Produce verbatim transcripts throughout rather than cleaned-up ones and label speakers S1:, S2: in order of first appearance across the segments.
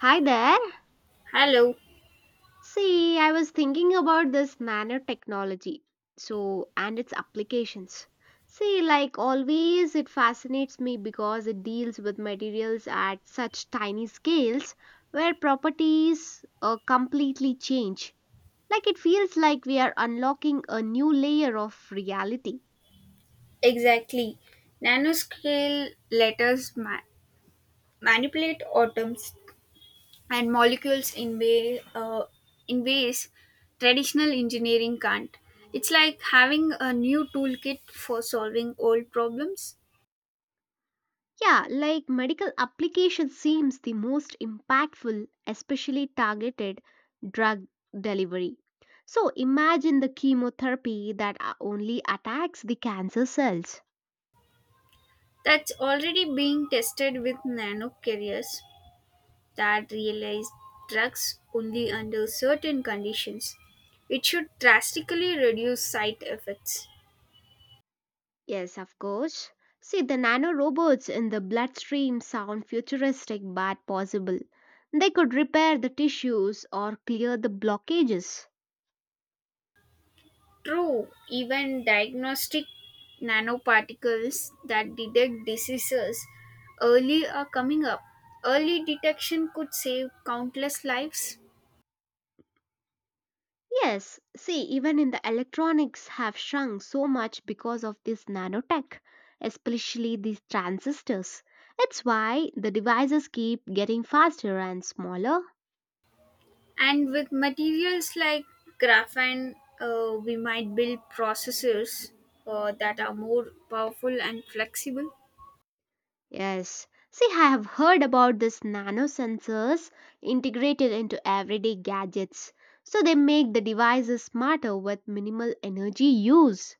S1: Hi there.
S2: Hello,
S1: See, I was thinking about this nanotechnology. So, and its applications. See, like always, it fascinates me because it deals with materials at such tiny scales where properties uh, completely change. Like it feels like we are unlocking a new layer of reality.
S2: exactly. Nanoscale letters ma- manipulate atoms and molecules in, way, uh, in ways traditional engineering can't. It's like having a new toolkit for solving old problems.
S1: Yeah, like medical application seems the most impactful, especially targeted drug delivery. So imagine the chemotherapy that uh, only attacks the cancer cells.
S2: That's already being tested with nanocarriers that realize drugs only under certain conditions. It should drastically reduce side effects.
S1: Yes, of course. See, the nanorobots in the bloodstream sound futuristic but possible. They could repair the tissues or clear the blockages.
S2: True, even diagnostic nanoparticles that detect diseases early are coming up. Early detection could save countless lives.
S1: Yes, see, even in the electronics have shrunk so much because of this nanotech, especially these transistors. It's why the devices keep getting faster and smaller.
S2: And with materials like graphene, uh, we might build processors uh, that are more powerful and flexible.
S1: Yes, see, I have heard about this nanosensors integrated into everyday gadgets. So they make the devices smarter with minimal energy use.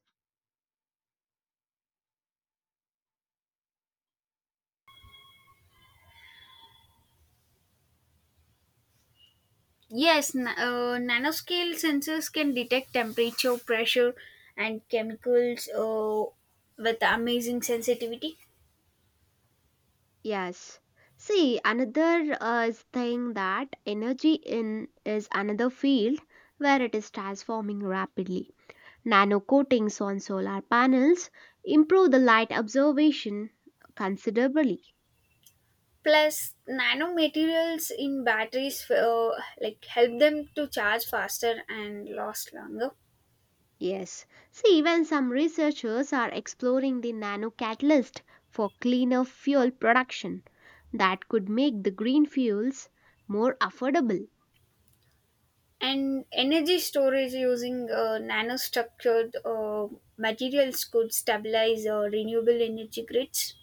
S2: Yes, na- uh, nanoscale sensors can detect temperature, pressure, and chemicals uh, with amazing sensitivity.
S1: Yes. See, another uh, is thing that energy in is another field where it is transforming rapidly. Nano coatings on solar panels improve the light observation considerably.
S2: Plus, nanomaterials in batteries uh, like help them to charge faster and last longer.
S1: Yes. See, even some researchers are exploring the nano catalyst for cleaner fuel production that could make the green fuels more affordable.
S2: And energy storage using uh, nanostructured uh, materials could stabilize uh, renewable energy grids.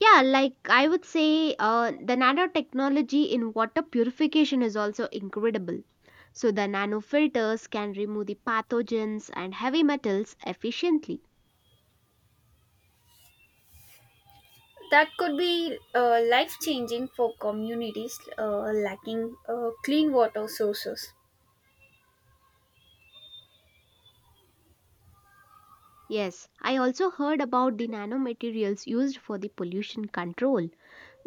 S1: Yeah, like I would say, uh, the nanotechnology in water purification is also incredible. So, the nanofilters can remove the pathogens and heavy metals efficiently.
S2: That could be uh, life changing for communities uh, lacking uh, clean water sources.
S1: Yes, I also heard about the nanomaterials used for the pollution control.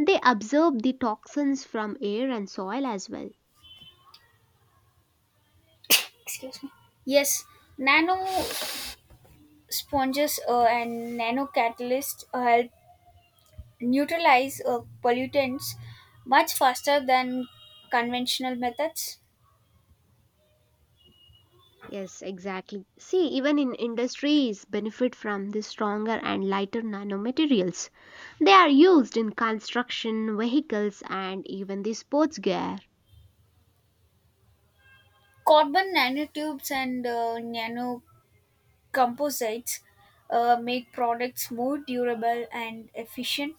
S1: They absorb the toxins from air and soil as well.
S2: Excuse me. Yes, nano sponges uh, and nano catalysts uh, help neutralize uh, pollutants much faster than conventional methods.
S1: Yes, exactly. See, even in industries benefit from the stronger and lighter nanomaterials. They are used in construction, vehicles, and even the sports gear.
S2: Carbon nanotubes and uh, nanocomposites uh, make products more durable and efficient.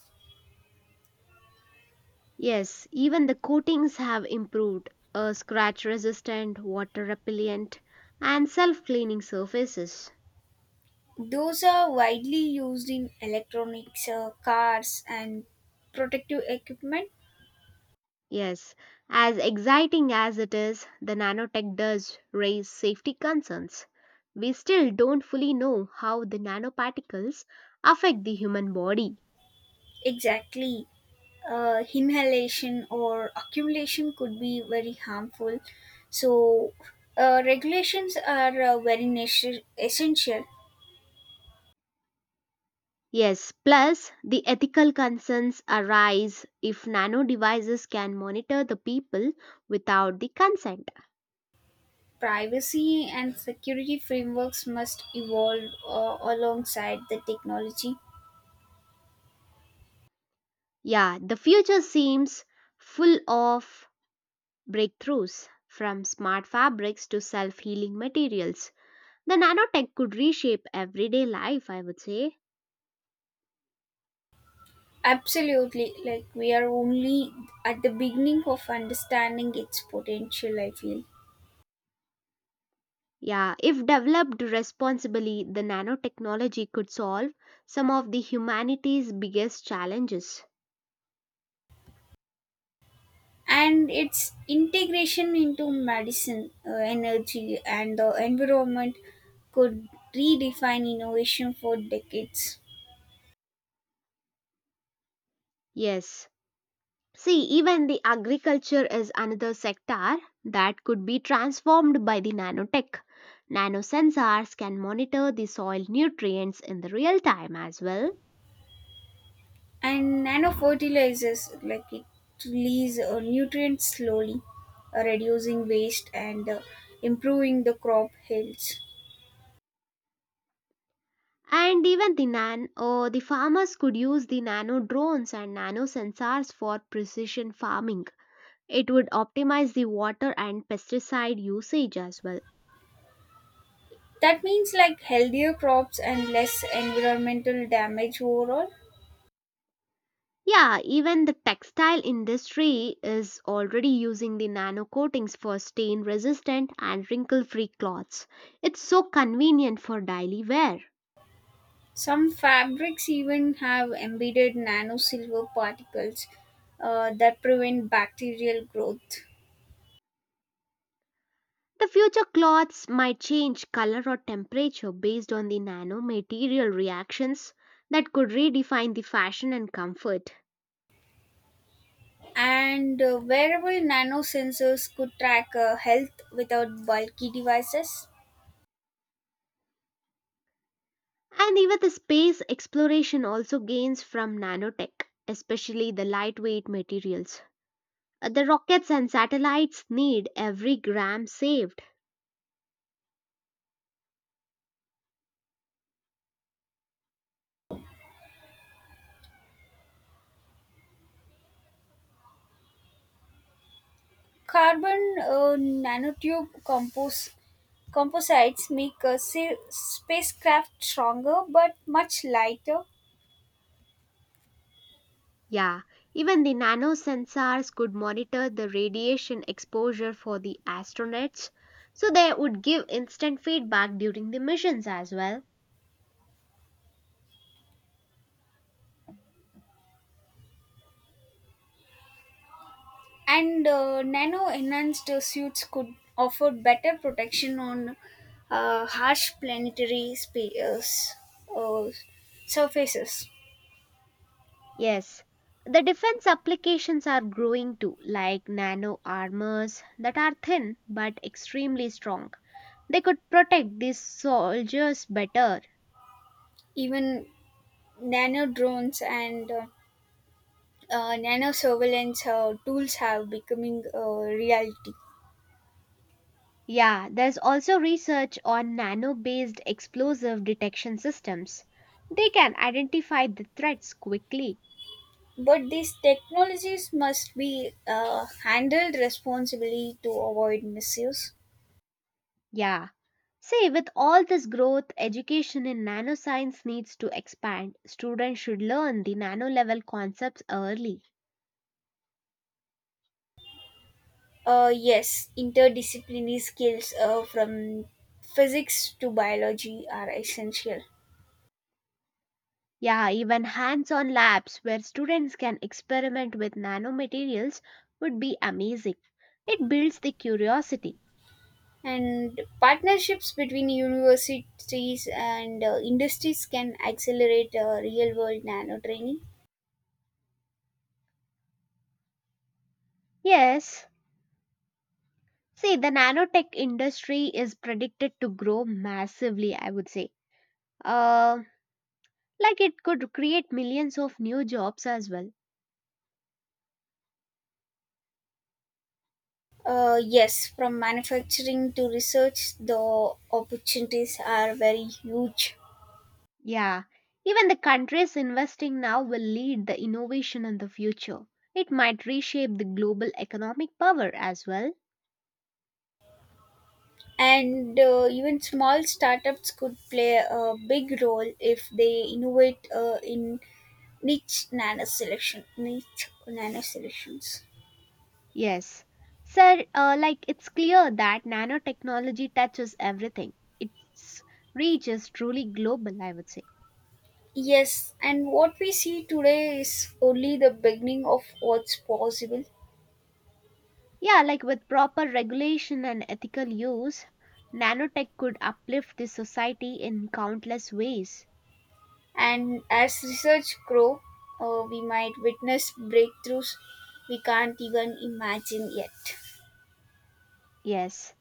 S1: Yes, even the coatings have improved. Uh, scratch resistant, water repellent, and self cleaning surfaces.
S2: Those are widely used in electronics, uh, cars, and protective equipment.
S1: Yes, as exciting as it is, the nanotech does raise safety concerns. We still don't fully know how the nanoparticles affect the human body.
S2: Exactly. Uh, inhalation or accumulation could be very harmful. So, uh, regulations are uh, very nece- essential.
S1: Yes, plus the ethical concerns arise if nano devices can monitor the people without the consent.
S2: Privacy and security frameworks must evolve uh, alongside the technology.
S1: Yeah, the future seems full of breakthroughs from smart fabrics to self healing materials. The nanotech could reshape everyday life, I would say.
S2: Absolutely, like we are only at the beginning of understanding its potential, I feel,
S1: Yeah, if developed responsibly, the nanotechnology could solve some of the humanity's biggest challenges.
S2: and its integration into medicine, uh, energy, and the environment could redefine innovation for decades.
S1: Yes. See, even the agriculture is another sector that could be transformed by the nanotech. Nanosensors can monitor the soil nutrients in the real time as well.
S2: And nanofertilizers, like it release uh, nutrients slowly, uh, reducing waste and uh, improving the crop health.
S1: And even the nan or the farmers could use the nano drones and nano sensors for precision farming. It would optimize the water and pesticide usage as well.
S2: That means like healthier crops and less environmental damage overall.
S1: Yeah, even the textile industry is already using the nano coatings for stain resistant and wrinkle free cloths. It's so convenient for daily wear.
S2: Some fabrics even have embedded nano silver particles uh, that prevent bacterial growth.
S1: The future cloths might change color or temperature based on the nanomaterial reactions that could redefine the fashion and comfort.
S2: And uh, wearable nano sensors could track uh, health without bulky devices.
S1: And even the space exploration also gains from nanotech, especially the lightweight materials. Uh, The rockets and satellites need every gram saved.
S2: Carbon uh, nanotube compos- composites make a sa- spacecraft stronger but much lighter,
S1: Yeah, even the nano sensors could monitor the radiation exposure for the astronauts, so they would give instant feedback during the missions as well.
S2: and uh, nano enhanced suits could offer better protection on uh, harsh planetary spa- uh, s- uh, surfaces.
S1: Yes, the defense applications are growing too, like nano armors that are thin but extremely strong. They could protect these soldiers better.
S2: Even nano drones and uh, uh, nano surveillance uh, tools have becoming a reality.
S1: Yeah, there's also research on nano based explosive detection systems. They can identify the threats quickly.
S2: But these technologies must be uh, handled responsibly to avoid misuse.
S1: Yeah. See, with all this growth, education in nanoscience needs to expand. Students should learn the nano level concepts early.
S2: Uh, yes, interdisciplinary skills uh, from physics to biology are essential.
S1: Yeah, even hands on labs where students can experiment with nanomaterials would be amazing. It builds the curiosity.
S2: And partnerships between universities and uh, industries can accelerate uh, real world nano training.
S1: Yes, see, the nanotech industry is predicted to grow massively, I would say. Uh, like it could create millions of new jobs as well.
S2: Uh, yes, from manufacturing to research, the opportunities are very huge.
S1: Yeah, even the countries investing now will lead the innovation in the future. It might reshape the global economic power as well.
S2: And uh, even small startups could play a big role if they innovate uh, in niche nano selection niche nano selections.
S1: Yes. Sir, uh, like it's clear that nanotechnology touches everything. Its reach is truly global, I would say.
S2: Yes, and what we see today is only the beginning of what's possible.
S1: Yeah, like with proper regulation and ethical use, nanotech could uplift the society in countless ways.
S2: And as research grow, uh, we might witness breakthroughs we can't even imagine yet.
S1: Yes.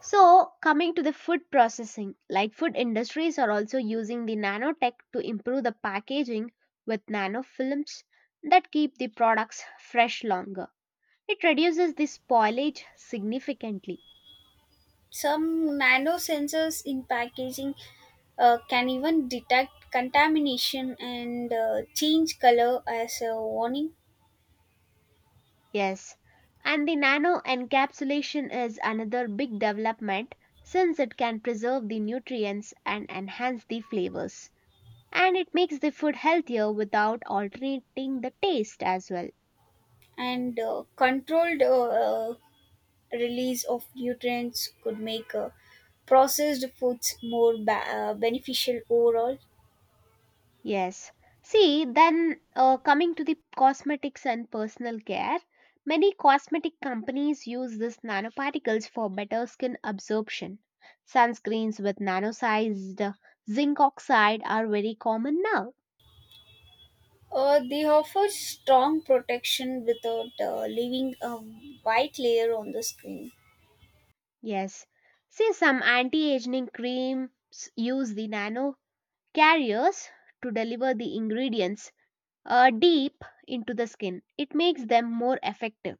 S1: So, coming to the food processing, like food industries are also using the nanotech to improve the packaging with nanofilms that keep the products fresh longer. It reduces the spoilage significantly.
S2: Some nano sensors in packaging uh, can even detect contamination and uh, change color as a warning.
S1: Yes, and the nano encapsulation is another big development since it can preserve the nutrients and enhance the flavors. And it makes the food healthier without altering the taste as well.
S2: And uh, controlled uh, uh, release of nutrients could make uh, processed foods more ba- uh, beneficial overall.
S1: Yes. See, then uh, coming to the cosmetics and personal care, many cosmetic companies use these nanoparticles for better skin absorption. Sunscreens with nano-sized zinc oxide are very common now.
S2: Uh, they offer strong protection without uh, leaving a white layer on the screen.
S1: Yes. See, some anti aging creams use the nano carriers to deliver the ingredients uh, deep into the skin. It makes them more effective.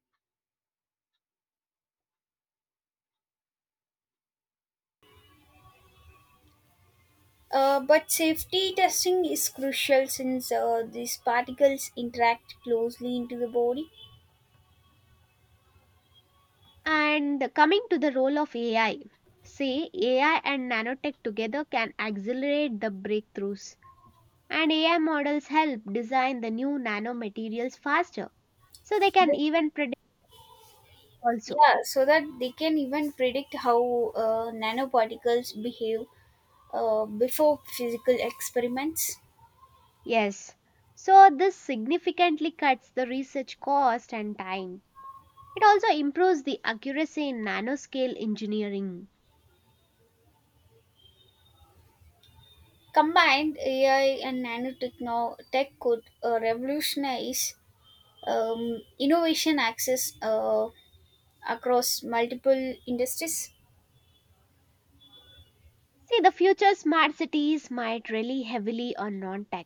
S2: Uh, but safety testing is crucial since uh, these particles interact closely into the body.
S1: And coming to the role of A I, say A I and nanotech together can accelerate the breakthroughs. And A I models help design the new nanomaterials faster, so they can
S2: They,
S1: even predict also.
S2: yeah, so that they can even predict how uh, nanoparticles behave uh, before physical experiments.
S1: Yes. So, this significantly cuts the research cost and time. It also improves the accuracy in nanoscale engineering.
S2: Combined, A I and nanotechno tech could uh, revolutionize um, innovation access uh, across multiple industries.
S1: See, the future smart cities might rely heavily on non-tech,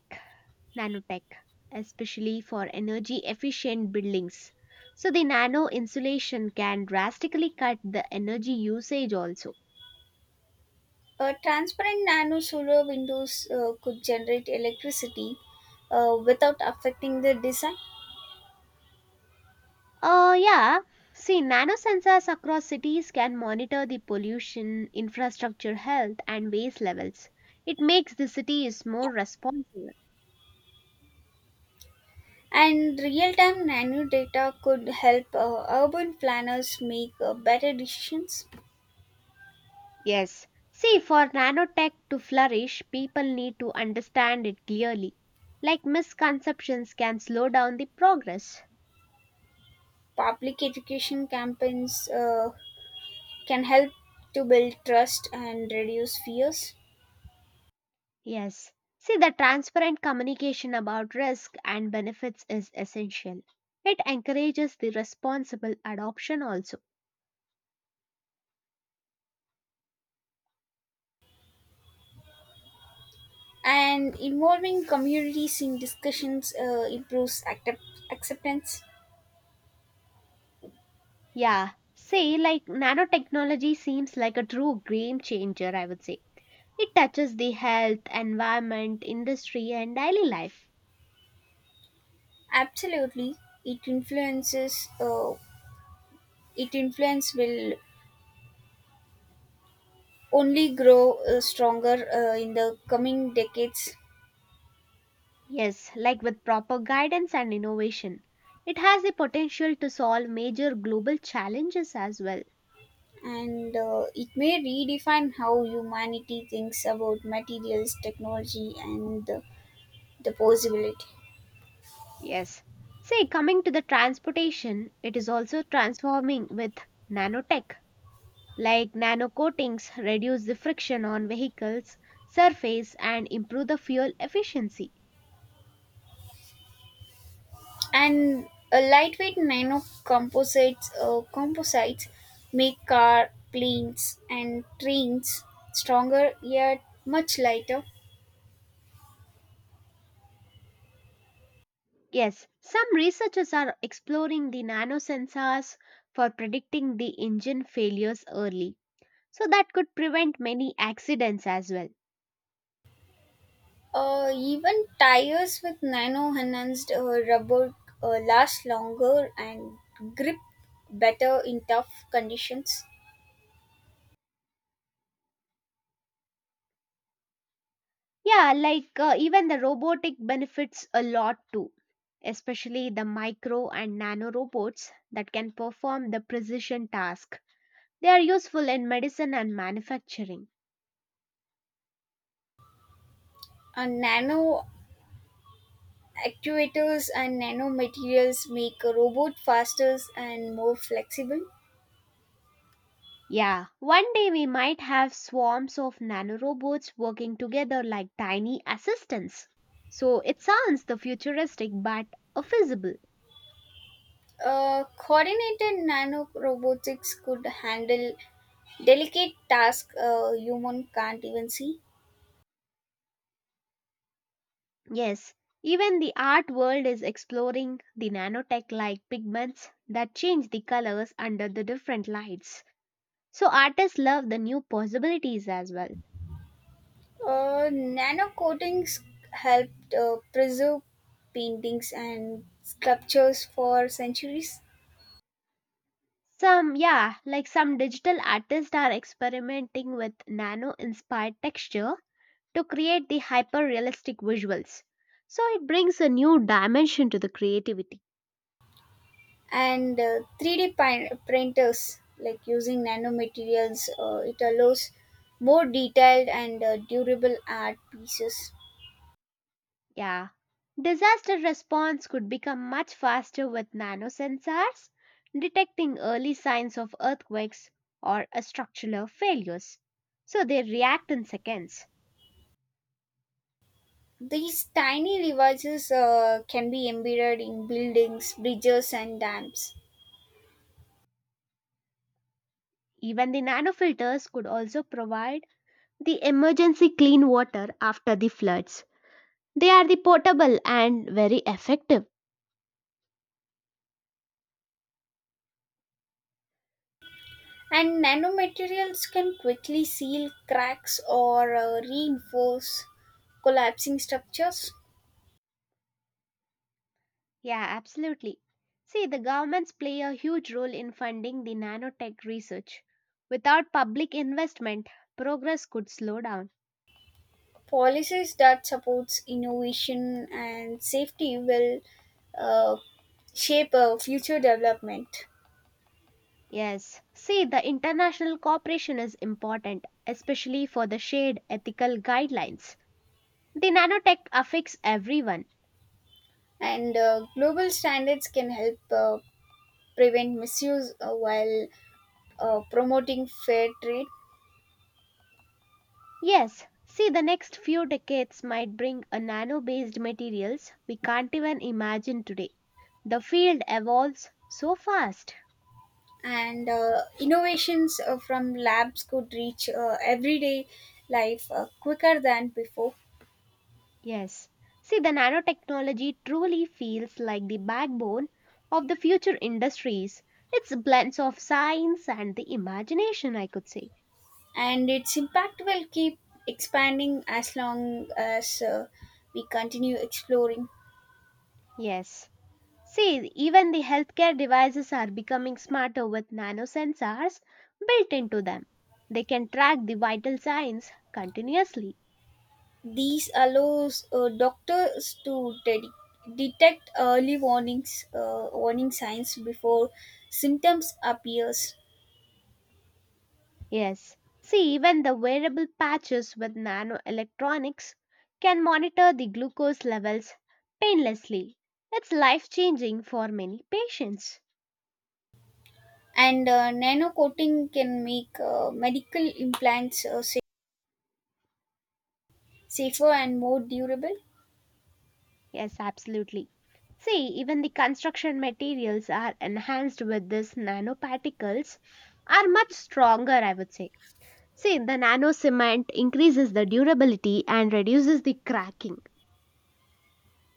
S1: nanotech, especially for energy efficient buildings. So the nano insulation can drastically cut the energy usage also.
S2: Uh, transparent nano solar windows uh, could generate electricity uh, without affecting the design,
S1: Oh yeah. See, nanosensors across cities can monitor the pollution, infrastructure health, and waste levels. It makes the cities more responsive.
S2: and real time nano data could help uh, urban planners make uh, better decisions.
S1: Yes. See, for nanotech to flourish, people need to understand it clearly. Like misconceptions can slow down the progress.
S2: Public education campaigns uh, can help to build trust and reduce fears,
S1: Yes. See, the transparent communication about risk and benefits is essential. It encourages the responsible adoption also.
S2: and involving communities in discussions uh, improves accept- acceptance.
S1: Yeah. See, like nanotechnology seems like a true game changer, I would say. It touches the health, environment, industry, and daily life.
S2: Absolutely, it influences. Uh, it influence will only grow uh, stronger uh, in the coming decades,
S1: Yes, like with proper guidance and innovation, it has the potential to solve major global challenges as well.
S2: and uh, it may redefine how humanity thinks about materials technology and the, the possibility.
S1: Yes. Say, coming to the transportation, it is also transforming with nanotech, like nano coatings reduce the friction on vehicles' surface and improve the fuel efficiency.
S2: And a lightweight nano composites uh, composites make car planes and trains stronger yet much lighter.
S1: Yes, some researchers are exploring the nanosensors for predicting the engine failures early, so that could prevent many accidents as well.
S2: Uh, even tires with nano enhanced uh, rubber uh, last longer and grip better in tough conditions.
S1: Yeah, like uh, even the robotic benefits a lot too, especially the micro and nano robots that can perform the precision task. They are useful in medicine and manufacturing.
S2: And nano actuators and nano materials make a robot faster and more flexible.
S1: Yeah, one day we might have swarms of nanorobots working together like tiny assistants. So it sounds the futuristic but uh, feasible.
S2: Uh, coordinated nano robotics could handle delicate tasks a human can't even see.
S1: Yes, even the art world is exploring the nanotech like pigments that change the colors under the different lights. So artists love the new possibilities as well.
S2: Uh, Nano coatings helped uh, preserve paintings and sculptures for centuries,
S1: Some, yeah, like some digital artists are experimenting with nano inspired texture to create the hyper realistic visuals. So it brings a new dimension to the creativity.
S2: and uh, three D pin- printers, like using nanomaterials, uh, it allows more detailed and uh, durable art pieces.
S1: Yeah. Disaster response could become much faster with nano sensors, detecting early signs of earthquakes or uh, structural failures. So they react in seconds.
S2: These tiny devices uh, can be embedded in buildings, bridges, and dams.
S1: Even the nanofilters could also provide the emergency clean water after the floods. They are the portable and very effective.
S2: And nanomaterials can quickly seal cracks or uh, reinforce collapsing structures.
S1: Yeah, absolutely. See, the governments play a huge role in funding the nanotech research. Without public investment, progress could slow down.
S2: Policies that supports innovation and safety will, uh, shape uh, future development,
S1: Yes. See, the international cooperation is important, especially for the shared ethical guidelines. The nanotech affects everyone.
S2: and uh, global standards can help uh, prevent misuse uh, while uh, promoting fair trade.
S1: Yes, see, the next few decades might bring a nano based materials we can't even imagine today. The field evolves so fast.
S2: And uh, innovations uh, from labs could reach uh, everyday life uh, quicker than before,
S1: Yes, see, the nanotechnology truly feels like the backbone of the future industries. It's blends of science and the imagination, I could say.
S2: and its impact will keep expanding as long as uh, we continue exploring.
S1: Yes. See, even the healthcare devices are becoming smarter with nanosensors built into them. They can track the vital signs continuously.
S2: These allows uh, doctors to de- detect early warnings, uh, warning signs before symptoms appears.
S1: Yes. See, even the wearable patches with nanoelectronics can monitor the glucose levels painlessly. It's life changing for many patients.
S2: And uh, nano coating can make uh, medical implants uh, sa- safer and more durable.
S1: Yes, absolutely. See, even the construction materials are enhanced with these nanoparticles are much stronger, I would say. See, the nano cement increases the durability and reduces the cracking.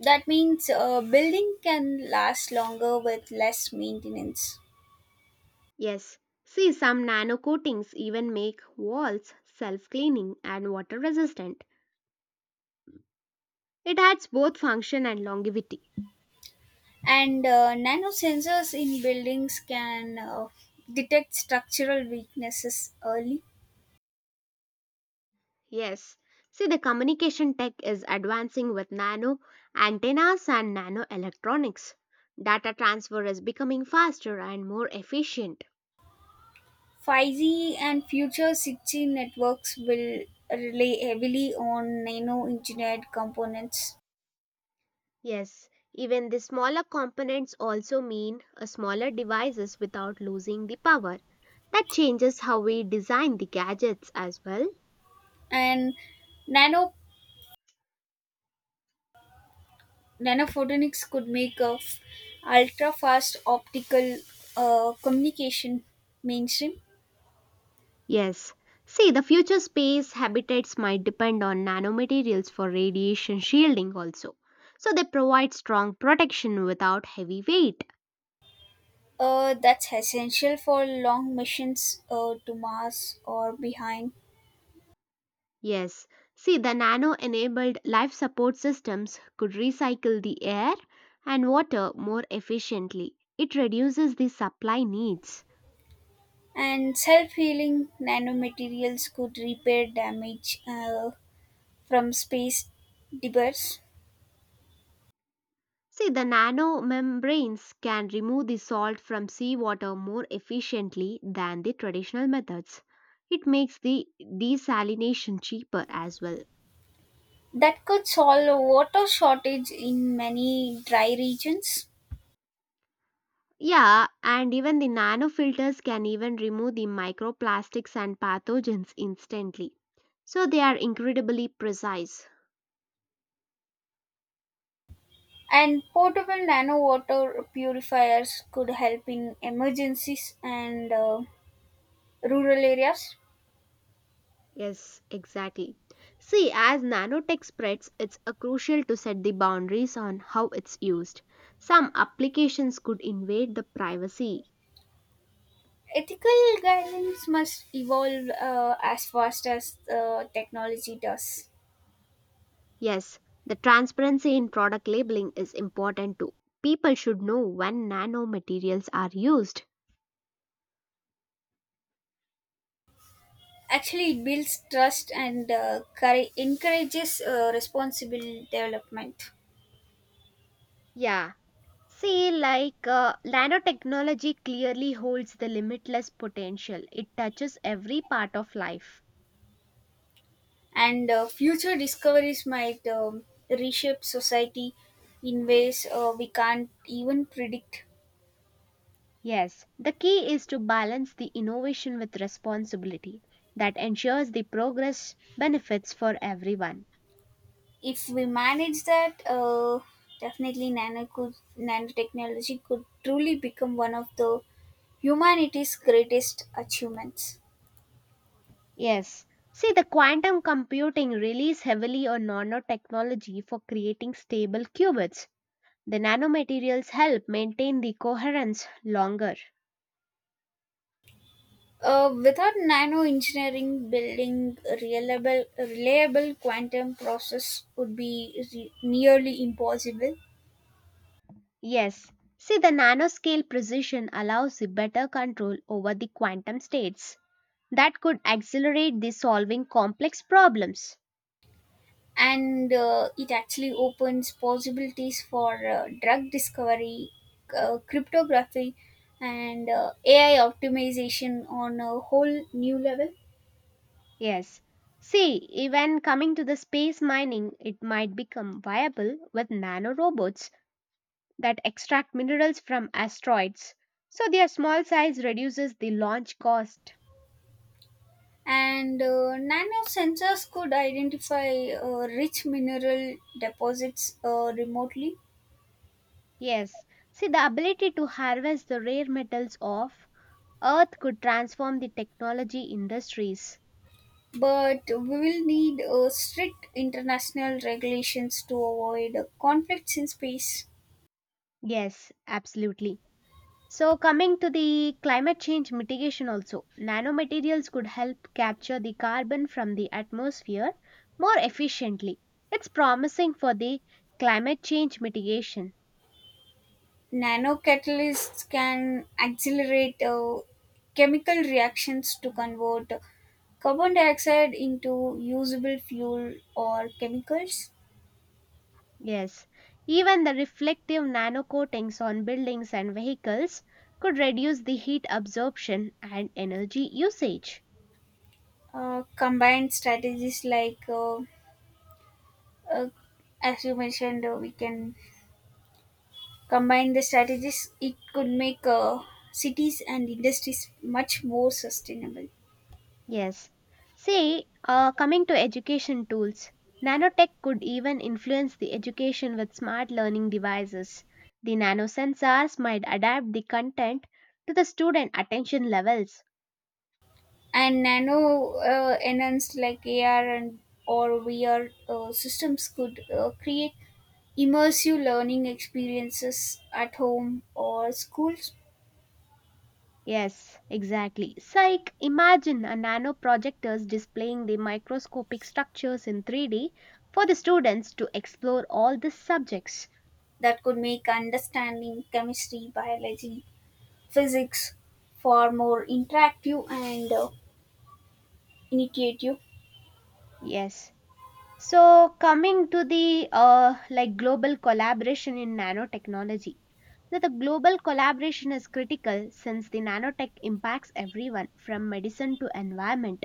S2: That means uh, building can last longer with less maintenance.
S1: Yes, see, some nano coatings even make walls self cleaning and water resistant. It adds both function and longevity.
S2: And uh, nano sensors in buildings can uh, detect structural weaknesses early.
S1: Yes, see, the communication tech is advancing with nano antennas and nano electronics. Data transfer is becoming faster and more efficient.
S2: five G and future six G networks will rely heavily on nano engineered components.
S1: Yes, even the smaller components also mean a smaller devices without losing the power. That changes how we design the gadgets as well.
S2: And nano nanophotonics could make a ultra fast optical uh, communication mainstream.
S1: Yes. See, the future space habitats might depend on nanomaterials for radiation shielding also. So they provide strong protection without heavy weight.
S2: Uh, that's essential for long missions uh, to Mars or behind.
S1: Yes. See, the nano enabled life support systems could recycle the air and water more efficiently. It reduces the supply needs.
S2: And self-healing nanomaterials could repair damage uh, from space debris.
S1: See, the nanomembranes can remove the salt from seawater more efficiently than the traditional methods. It makes the desalination cheaper as well.
S2: That could solve water shortage in many dry regions.
S1: Yeah, and even the nanofilters can even remove the microplastics and pathogens instantly. So they are incredibly precise.
S2: And portable nano water purifiers could help in emergencies and uh, rural areas.
S1: Yes, exactly. See, as nanotech spreads, it's uh, crucial to set the boundaries on how it's used. Some applications could invade the privacy.
S2: Ethical guidelines must evolve uh, as fast as uh, technology does.
S1: Yes, the transparency in product labeling is important too. People should know when nanomaterials are used.
S2: Actually, it builds trust and uh, courage- encourages uh, responsible development.
S1: Yeah. See, like uh, nanotechnology clearly holds the limitless potential. It touches every part of life.
S2: And uh, future discoveries might um, reshape society in ways uh, we can't even predict.
S1: Yes, the key is to balance the innovation with responsibility that ensures the progress benefits for everyone.
S2: If we manage that, uh, definitely nano could, nanotechnology could truly become one of the humanity's greatest achievements.
S1: Yes. See, the quantum computing relies heavily on nanotechnology for creating stable qubits. The nanomaterials help maintain the coherence longer.
S2: Uh, without nano engineering, building a reliable, reliable quantum process would be re- nearly impossible.
S1: Yes, see, the nanoscale precision allows the better control over the quantum states that could accelerate the solving complex problems.
S2: And uh, it actually opens possibilities for uh, drug discovery, uh, cryptography, and uh, A I optimization on a whole new level.
S1: Yes, see, even coming to the space mining, it might become viable with nanorobots that extract minerals from asteroids. So, their small size reduces the launch cost.
S2: And uh, nano sensors could identify uh, rich mineral deposits uh, remotely,
S1: Yes, see, the ability to harvest the rare metals of Earth could transform the technology industries.
S2: but we will need uh, strict international regulations to avoid conflicts in space.
S1: Yes, absolutely. So, coming to the climate change mitigation, also, nanomaterials could help capture the carbon from the atmosphere more efficiently. It's promising for the climate change mitigation.
S2: Nanocatalysts can accelerate uh, chemical reactions to convert carbon dioxide into usable fuel or chemicals.
S1: Yes, even the reflective nanocoatings on buildings and vehicles could reduce the heat absorption and energy usage.
S2: Uh, combined strategies like, uh, uh, as you mentioned, uh, we can combine the strategies, it could make uh, cities and industries much more sustainable.
S1: Yes. See, uh, coming to education tools, nanotech could even influence the education with smart learning devices. The nanosensors might adapt the content to the student attention levels.
S2: And nano uh, enhanced like A R and or V R uh, systems could uh, create immersive learning experiences at home or schools.
S1: Yes, exactly. Psych, imagine a nano projectors displaying the microscopic structures in three D for the students to explore all the subjects.
S2: That could make understanding chemistry, biology, physics far more interactive and uh, initiative.
S1: Yes. So coming to the uh, like global collaboration in nanotechnology. So the global collaboration is critical since the nanotech impacts everyone from medicine to environment.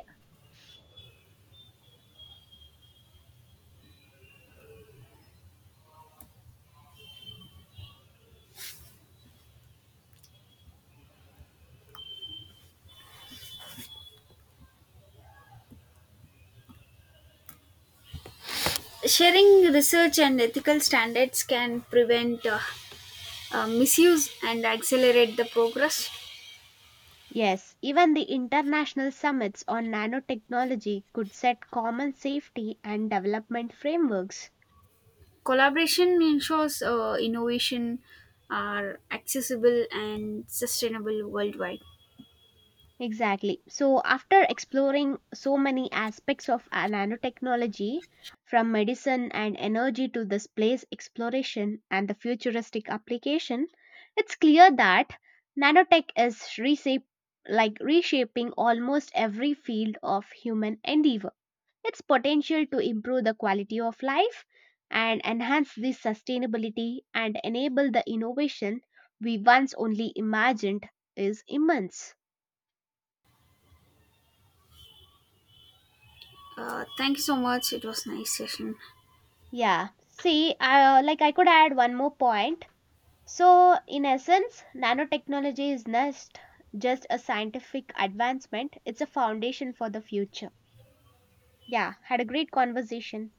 S2: Sharing research and ethical standards can prevent uh, uh, misuse and accelerate the progress.
S1: Yes, even the international summits on nanotechnology could set common safety and development frameworks.
S2: Collaboration ensures uh, innovation are accessible and sustainable worldwide.
S1: Exactly. So, after exploring so many aspects of a nanotechnology, from medicine and energy to the space exploration and the futuristic application, it's clear that nanotech is reshape, like reshaping almost every field of human endeavor. Its potential to improve the quality of life and enhance the sustainability and enable the innovation we once only imagined is immense.
S2: Uh, thank you so much. It was nice session.
S1: Yeah. See, I, uh, like I could add one more point. So, in essence, nanotechnology is not just a scientific advancement, it's a foundation for the future. Yeah, had a great conversation.